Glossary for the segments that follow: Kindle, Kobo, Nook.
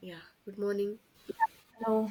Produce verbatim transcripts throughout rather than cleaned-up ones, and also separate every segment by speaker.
Speaker 1: Yeah, good morning.
Speaker 2: Hello.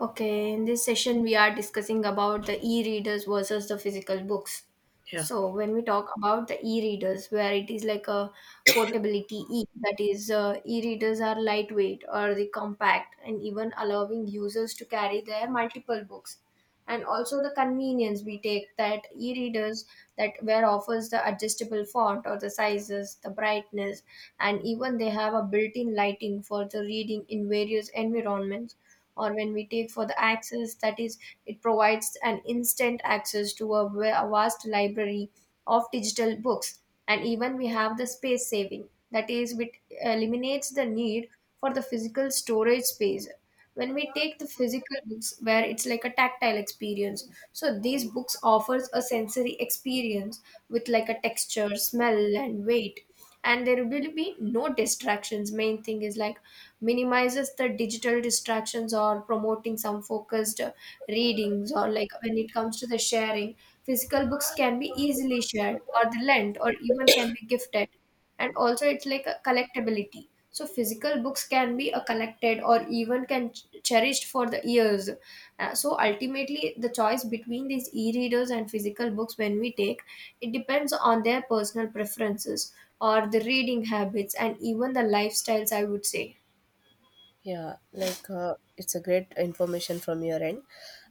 Speaker 2: Okay, in this session we are discussing about the e-readers versus the physical books.
Speaker 1: Yeah.
Speaker 2: So when we talk about the e-readers, where it is like a portability e, that is, uh, e-readers are lightweight or the compact and even allowing users to carry their multiple books, and also the convenience we take that e-readers that where offers the adjustable font or the sizes the brightness, and even they have a built-in lighting for the reading in various environments, or when we take for the access, that is it provides an instant access to a, va- a vast library of digital books, and even we have the space saving, that is it eliminates the need for the physical storage space. When we take the physical books, where it's like a tactile experience, so these books offers a sensory experience with like a texture smell and weight, and there will be no distractions, main thing is like minimizes the digital distractions or promoting some focused uh, readings. Or like when it comes to the sharing, physical books can be easily shared or lent or even can be gifted, and also it's like a collectability, so physical books can be a collected or even can ch- cherished for the years. Uh, so ultimately the choice between these e-readers and physical books when we take, it depends on their personal preferences or the reading habits and even the lifestyles, I would say.
Speaker 1: Yeah, like uh, it's a great information from your end.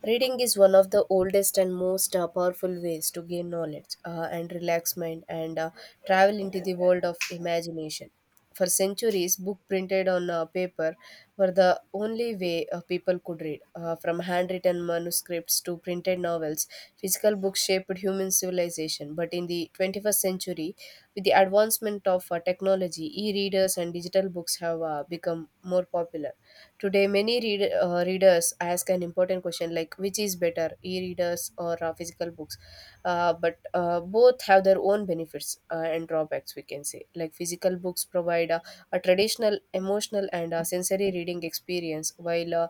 Speaker 1: Reading is one of the oldest and most uh, powerful ways to gain knowledge uh, and relax mind and uh, travel into the world of imagination. For centuries, book printed on uh, paper were the only way uh, people could read. Uh, from handwritten manuscripts to printed novels, physical books shaped human civilization. But in the twenty-first century, with the advancement of uh, technology, e-readers and digital books have uh, become more popular. Today, many read, uh, readers ask an important question like which is better, e-readers or uh, physical books? Uh, but uh, both have their own benefits uh, and drawbacks, we can say. Like physical books provide a, a traditional, emotional, and uh, sensory reading experience, while uh,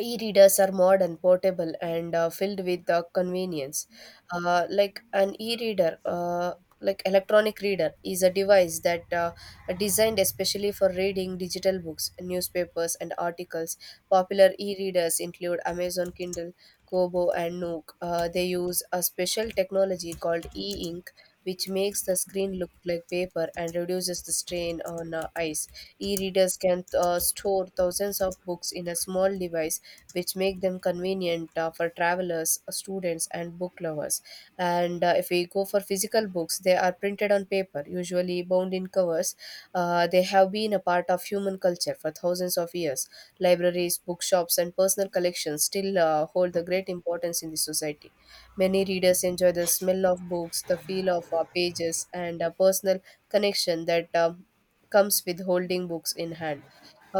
Speaker 1: e-readers are modern portable and uh, filled with uh, convenience. Uh, like an e-reader, uh, like electronic reader is a device that uh, are designed especially for reading digital books, newspapers and articles. Popular e-readers include Amazon Kindle, Kobo and Nook. Uh, they use a special technology called e-ink, which makes the screen look like paper and reduces the strain on uh, eyes. E-readers can uh, store thousands of books in a small device, which make them convenient uh, for travelers, uh, students, and book lovers. And uh, if we go for physical books, they are printed on paper, usually bound in covers. Uh, they have been a part of human culture for thousands of years. Libraries, bookshops, and personal collections still uh, hold the great importance in the society. Many readers enjoy the smell of books, the feel of uh, pages, and a personal connection that um, comes with holding books in hand.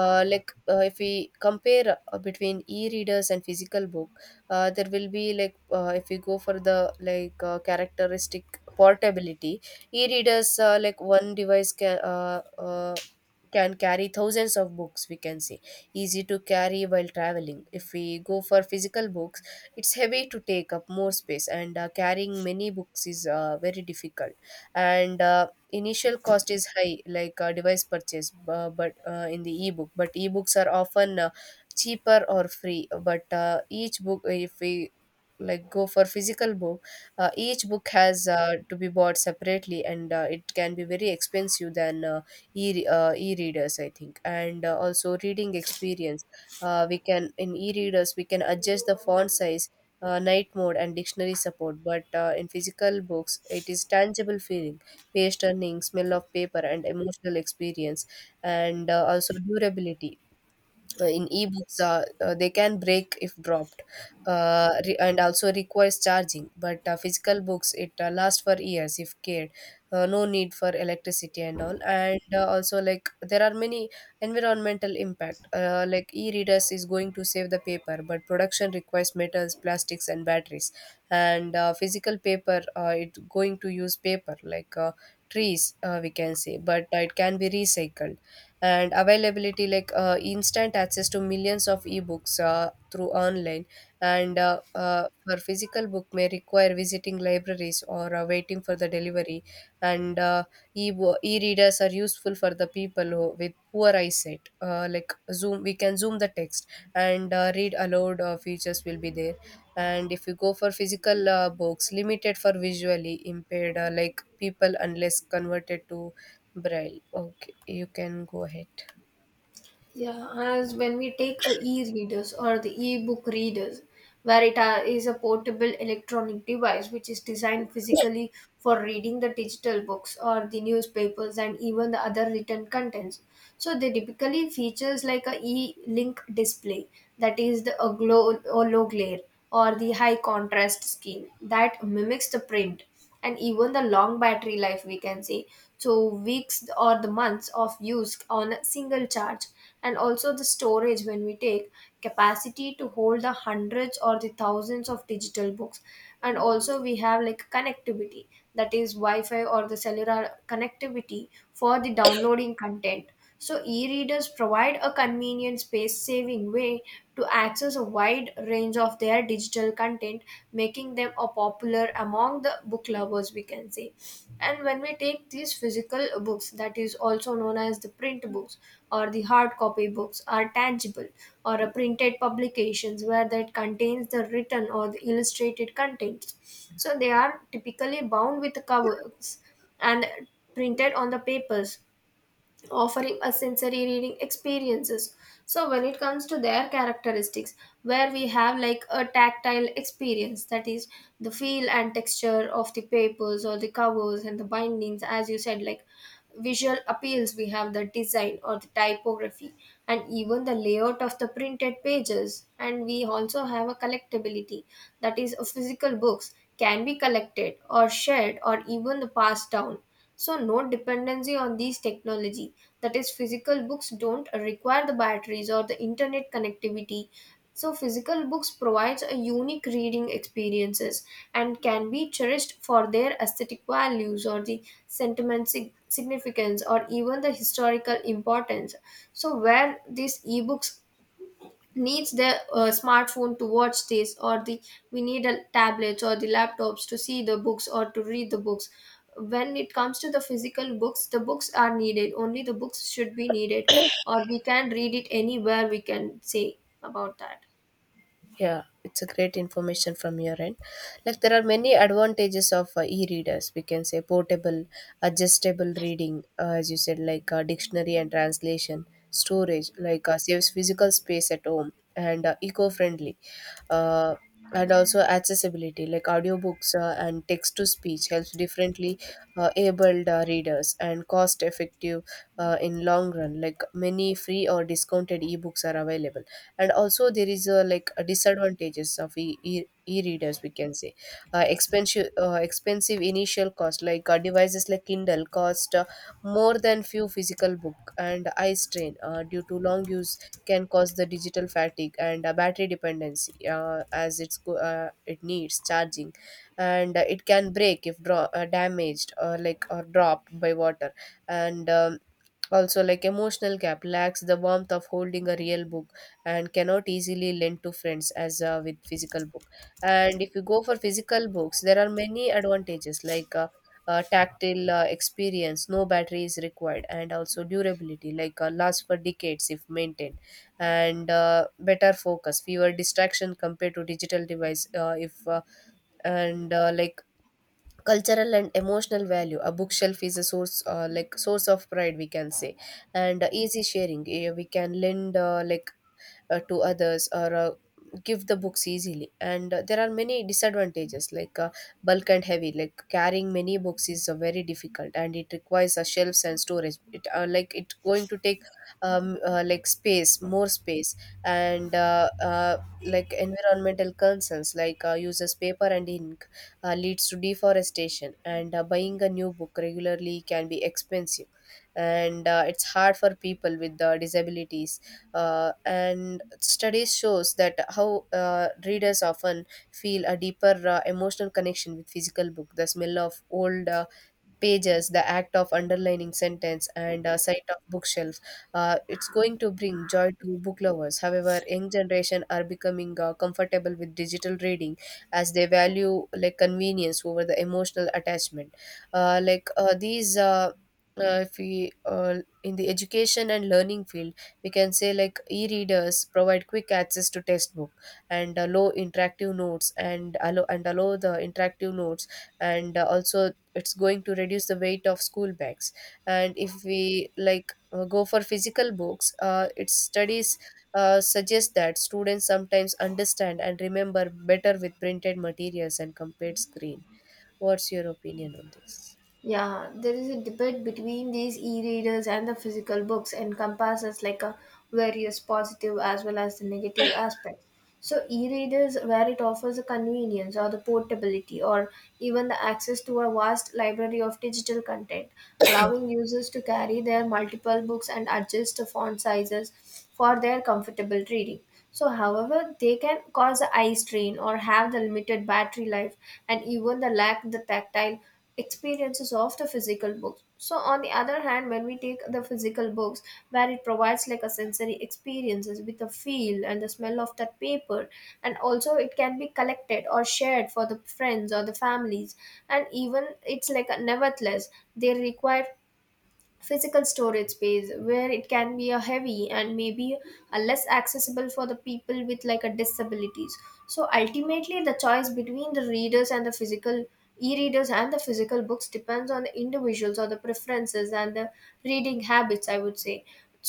Speaker 1: uh, like uh, If we compare uh, between e-readers and physical book, uh, there will be like uh, if we go for the like uh, characteristic portability. E-readers, uh, like one device can uh, uh, can carry thousands of books, we can say, easy to carry while traveling. If we go for physical books, it's heavy to take up more space and uh, carrying many books is uh, very difficult, and uh, initial cost is high, like uh, device purchase. Bu- but uh, in the ebook but ebooks are often uh, cheaper or free, but uh, each book, if we like go for physical book, uh, each book has uh, to be bought separately, and uh, it can be very expensive than uh, e uh, e-readers, I think. And uh, also reading experience, uh, we can in e-readers we can adjust the font size, uh, night mode and dictionary support, but uh, in physical books it is tangible feeling, page turning, smell of paper, and emotional experience, and uh, also durability. Uh, in ebooks uh, uh, they can break if dropped, uh, re- and also requires charging, but uh, physical books it uh, lasts for years if cared. Uh, no need for electricity and all, and uh, also like there are many environmental impact, uh, like e-readers is going to save the paper, but production requires metals, plastics and batteries. And uh, physical paper, uh, it going to use paper, like uh, trees uh, we can say, but uh, it can be recycled. And availability, like uh, instant access to millions of ebooks uh, through online. And uh, uh, for physical book may require visiting libraries or uh, waiting for the delivery. And uh, e E-readers are useful for the people who, with poor eyesight, uh, like zoom, we can zoom the text and uh, read aloud uh, features will be there. And if you go for physical uh, books, limited for visually impaired, uh, like people unless converted to braille. Okay, you can go ahead.
Speaker 2: Yeah, as when we take a e-readers or the e-book readers, where it are, is a portable electronic device which is designed physically for reading the digital books or the newspapers and even the other written contents. So they typically features like a e-link display, that is the a glow or low glare or the high contrast scheme that mimics the print, and even the long battery life we can say, so weeks or the months of use on a single charge, and also the storage when we take, capacity to hold the hundreds or the thousands of digital books, and also we have like connectivity, that is wi-fi or the cellular connectivity for the downloading content. So, e readers provide a convenient, space saving way to access a wide range of their digital content, making them a popular among the book lovers, we can say. And when we take these physical books, that is also known as the print books or the hard copy books, are tangible or a printed publications where that contains the written or the illustrated contents. So, they are typically bound with covers and printed on the papers, offering a sensory reading experiences. So when it comes to their characteristics, where we have like a tactile experience, that is the feel and texture of the papers or the covers and the bindings, as you said, like visual appeals, we have the design or the typography and even the layout of the printed pages, and we also have a collectability, that is a physical books can be collected or shared or even passed down. So no dependency on these technology, that is physical books don't require the batteries or the internet connectivity, so physical books provides a unique reading experiences and can be cherished for their aesthetic values or the sentiment sig- significance or even the historical importance. So where these ebooks needs the uh, smartphone to watch this, or the we need a tablets or the laptops to see the books or to read the books. When it comes to the physical books, the books are needed, only the books should be needed, or we can read it anywhere, we can say about that.
Speaker 1: Yeah, it's a great information from your end. Like there are many advantages of uh, e-readers, we can say. Portable, adjustable reading, uh, as you said, like uh, dictionary and translation, storage, like uh, saves physical space at home, and uh, eco-friendly, uh, and also accessibility, like audiobooks uh, and text-to-speech helps differently uh, abled uh, readers, and cost-effective uh, in long run. Like many free or discounted e-books are available. And also there is a like a disadvantages of e- e- e-readers we can say. Uh, expensive uh, expensive initial cost, like uh, devices like Kindle cost uh, more than few physical book, and eye strain uh, due to long use can cause the digital fatigue, and uh, battery dependency, uh, as it's go- uh, it needs charging, and uh, it can break if dro- uh, damaged or like or dropped by water. And um, Also, like emotional gap lacks the warmth of holding a real book, and cannot easily lend to friends as uh, with physical book. And if you go for physical books, there are many advantages, like uh, uh, tactile uh, experience, no battery is required, and also durability, like uh, lasts for decades if maintained, and uh, better focus, fewer distraction compared to digital device. Uh, if uh, and uh, like Cultural and emotional value, a bookshelf is a source, uh, like source of pride, we can say, and uh, easy sharing. Eh, we can lend uh, like uh, to others or uh, give the books easily. And uh, there are many disadvantages, like uh, bulk and heavy, like carrying many books is uh, very difficult, and it requires uh, shelves and storage, it uh, like it going to take um, uh, like space more space. And uh, uh, Like environmental concerns, like uh, uses paper and ink, uh, leads to deforestation, and uh, buying a new book regularly can be expensive, and uh, it's hard for people with uh, disabilities. Uh, and studies shows that how uh, readers often feel a deeper uh, emotional connection with physical book, the smell of old uh, pages, the act of underlining sentence, and uh, sight of bookshelf. Uh, it's going to bring joy to book lovers. However, young generation are becoming uh, comfortable with digital reading, as they value like convenience over the emotional attachment. Uh, like uh, these. Uh, uh, if we uh, in the education and learning field we can say like e-readers provide quick access to textbook and allow interactive notes and allow and allow the interactive notes, and uh, also it's going to reduce the weight of school bags. And if we like uh, go for physical books, uh, its studies uh, suggest that students sometimes understand and remember better with printed materials and compared screen. What's your opinion on this?
Speaker 2: Yeah, there is a debate between these e-readers and the physical books, encompasses like a various positive as well as the negative aspects. So e-readers, where it offers the convenience or the portability or even the access to a vast library of digital content, allowing users to carry their multiple books and adjust the font sizes for their comfortable reading. So, however, they can cause eye strain or have the limited battery life and even the lack the tactile experiences of the physical books. So, on the other hand, when we take the physical books, where it provides like a sensory experiences with the feel and the smell of that paper, and also it can be collected or shared for the friends or the families, and even it's like a nevertheless they require physical storage space, where it can be a heavy and maybe a less accessible for the people with like a disabilities. So ultimately the choice between the readers and the physical e-readers and the physical books depends on the individuals or the preferences and the reading habits, I would say.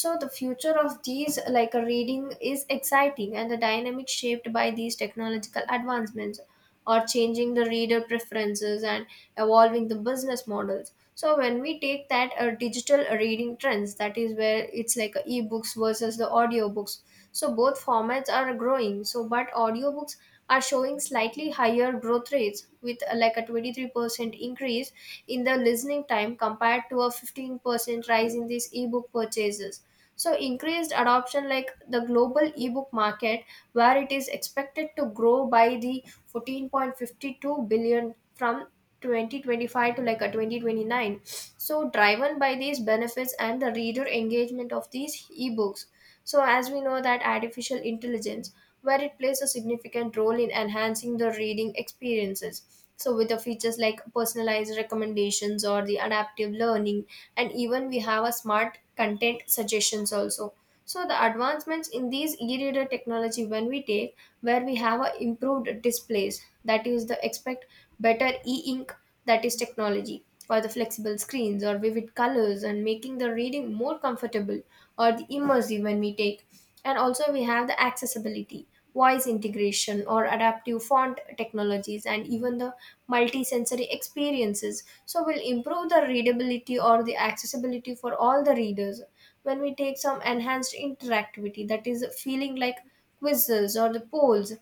Speaker 2: So the future of these like a reading is exciting and the dynamic, shaped by these technological advancements or changing the reader preferences and evolving the business models. So when we take that uh, digital reading trends, that is where it's like uh, ebooks versus the audiobooks, so both formats are growing, so but audiobooks are showing slightly higher growth rates with uh, like a twenty-three percent increase in the listening time compared to a fifteen percent rise in these ebook purchases. So, increased adoption, like the global ebook market, where it is expected to grow by the fourteen point five two billion from twenty twenty-five to like a twenty twenty-nine. So, driven by these benefits and the reader engagement of these ebooks. So, as we know that artificial intelligence, where it plays a significant role in enhancing the reading experiences. So, with the features like personalized recommendations or the adaptive learning, and even we have a smart content suggestions also. So, the advancements in these e-reader technology, when we take, where we have a improved displays, that is the expect better e-ink, that is technology, or the flexible screens or vivid colors, and making the reading more comfortable or the immersive, when we take. And also we have the accessibility, voice integration or adaptive font technologies, and even the multisensory experiences, so will improve the readability or the accessibility for all the readers. When we take some enhanced interactivity, that is feeling like quizzes or the polls,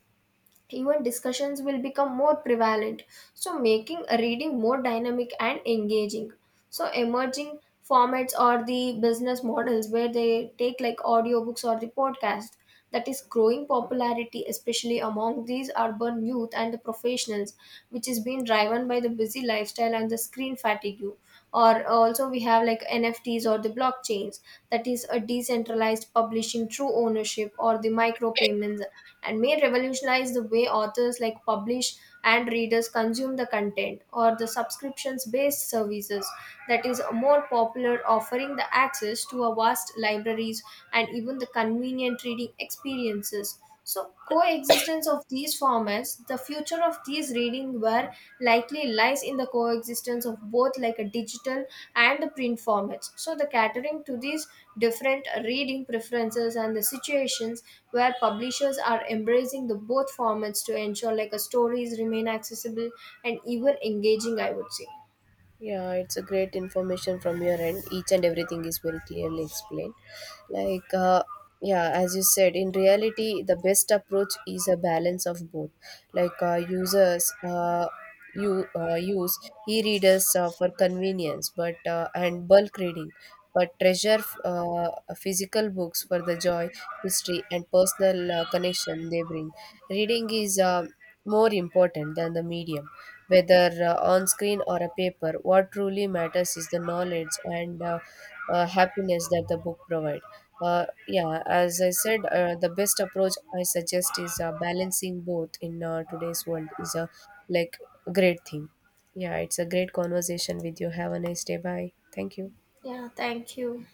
Speaker 2: even discussions will become more prevalent, so making a reading more dynamic and engaging. So emerging formats are the business models, where they take like audiobooks or the podcast, that is growing popularity especially among these urban youth and the professionals, which is being driven by the busy lifestyle and the screen fatigue. Or uh, also we have like N F Ts or the blockchains, that is a decentralized publishing through ownership or the micropayments, and may revolutionize the way authors like publish and readers consume the content, or the subscriptions based services, that is more popular, offering the access to a vast libraries and even the convenient reading experiences. So, coexistence of these formats, the future of these reading were likely lies in the coexistence of both like a digital and the print formats. So, the catering to these different reading preferences and the situations, where publishers are embracing the both formats to ensure like a stories remain accessible and even engaging, I would say.
Speaker 1: Yeah, it's a great information from your end. Each and everything is very clearly explained. Like, uh, yeah, as you said, in reality, the best approach is a balance of both. Like, uh, users uh, you uh, Use e-readers uh, for convenience, but uh, and bulk reading, but treasure uh, physical books for the joy, history, and personal uh, connection they bring. Reading is uh, more important than the medium, whether uh, on screen or a paper. What truly matters is the knowledge and uh, uh, happiness that the book provide. Uh, yeah, as I said, uh, the best approach I suggest is uh, balancing both in uh, today's world is a like great thing. Yeah, it's a great conversation with you. Have a nice day. Bye. Thank you.
Speaker 2: Yeah, thank you.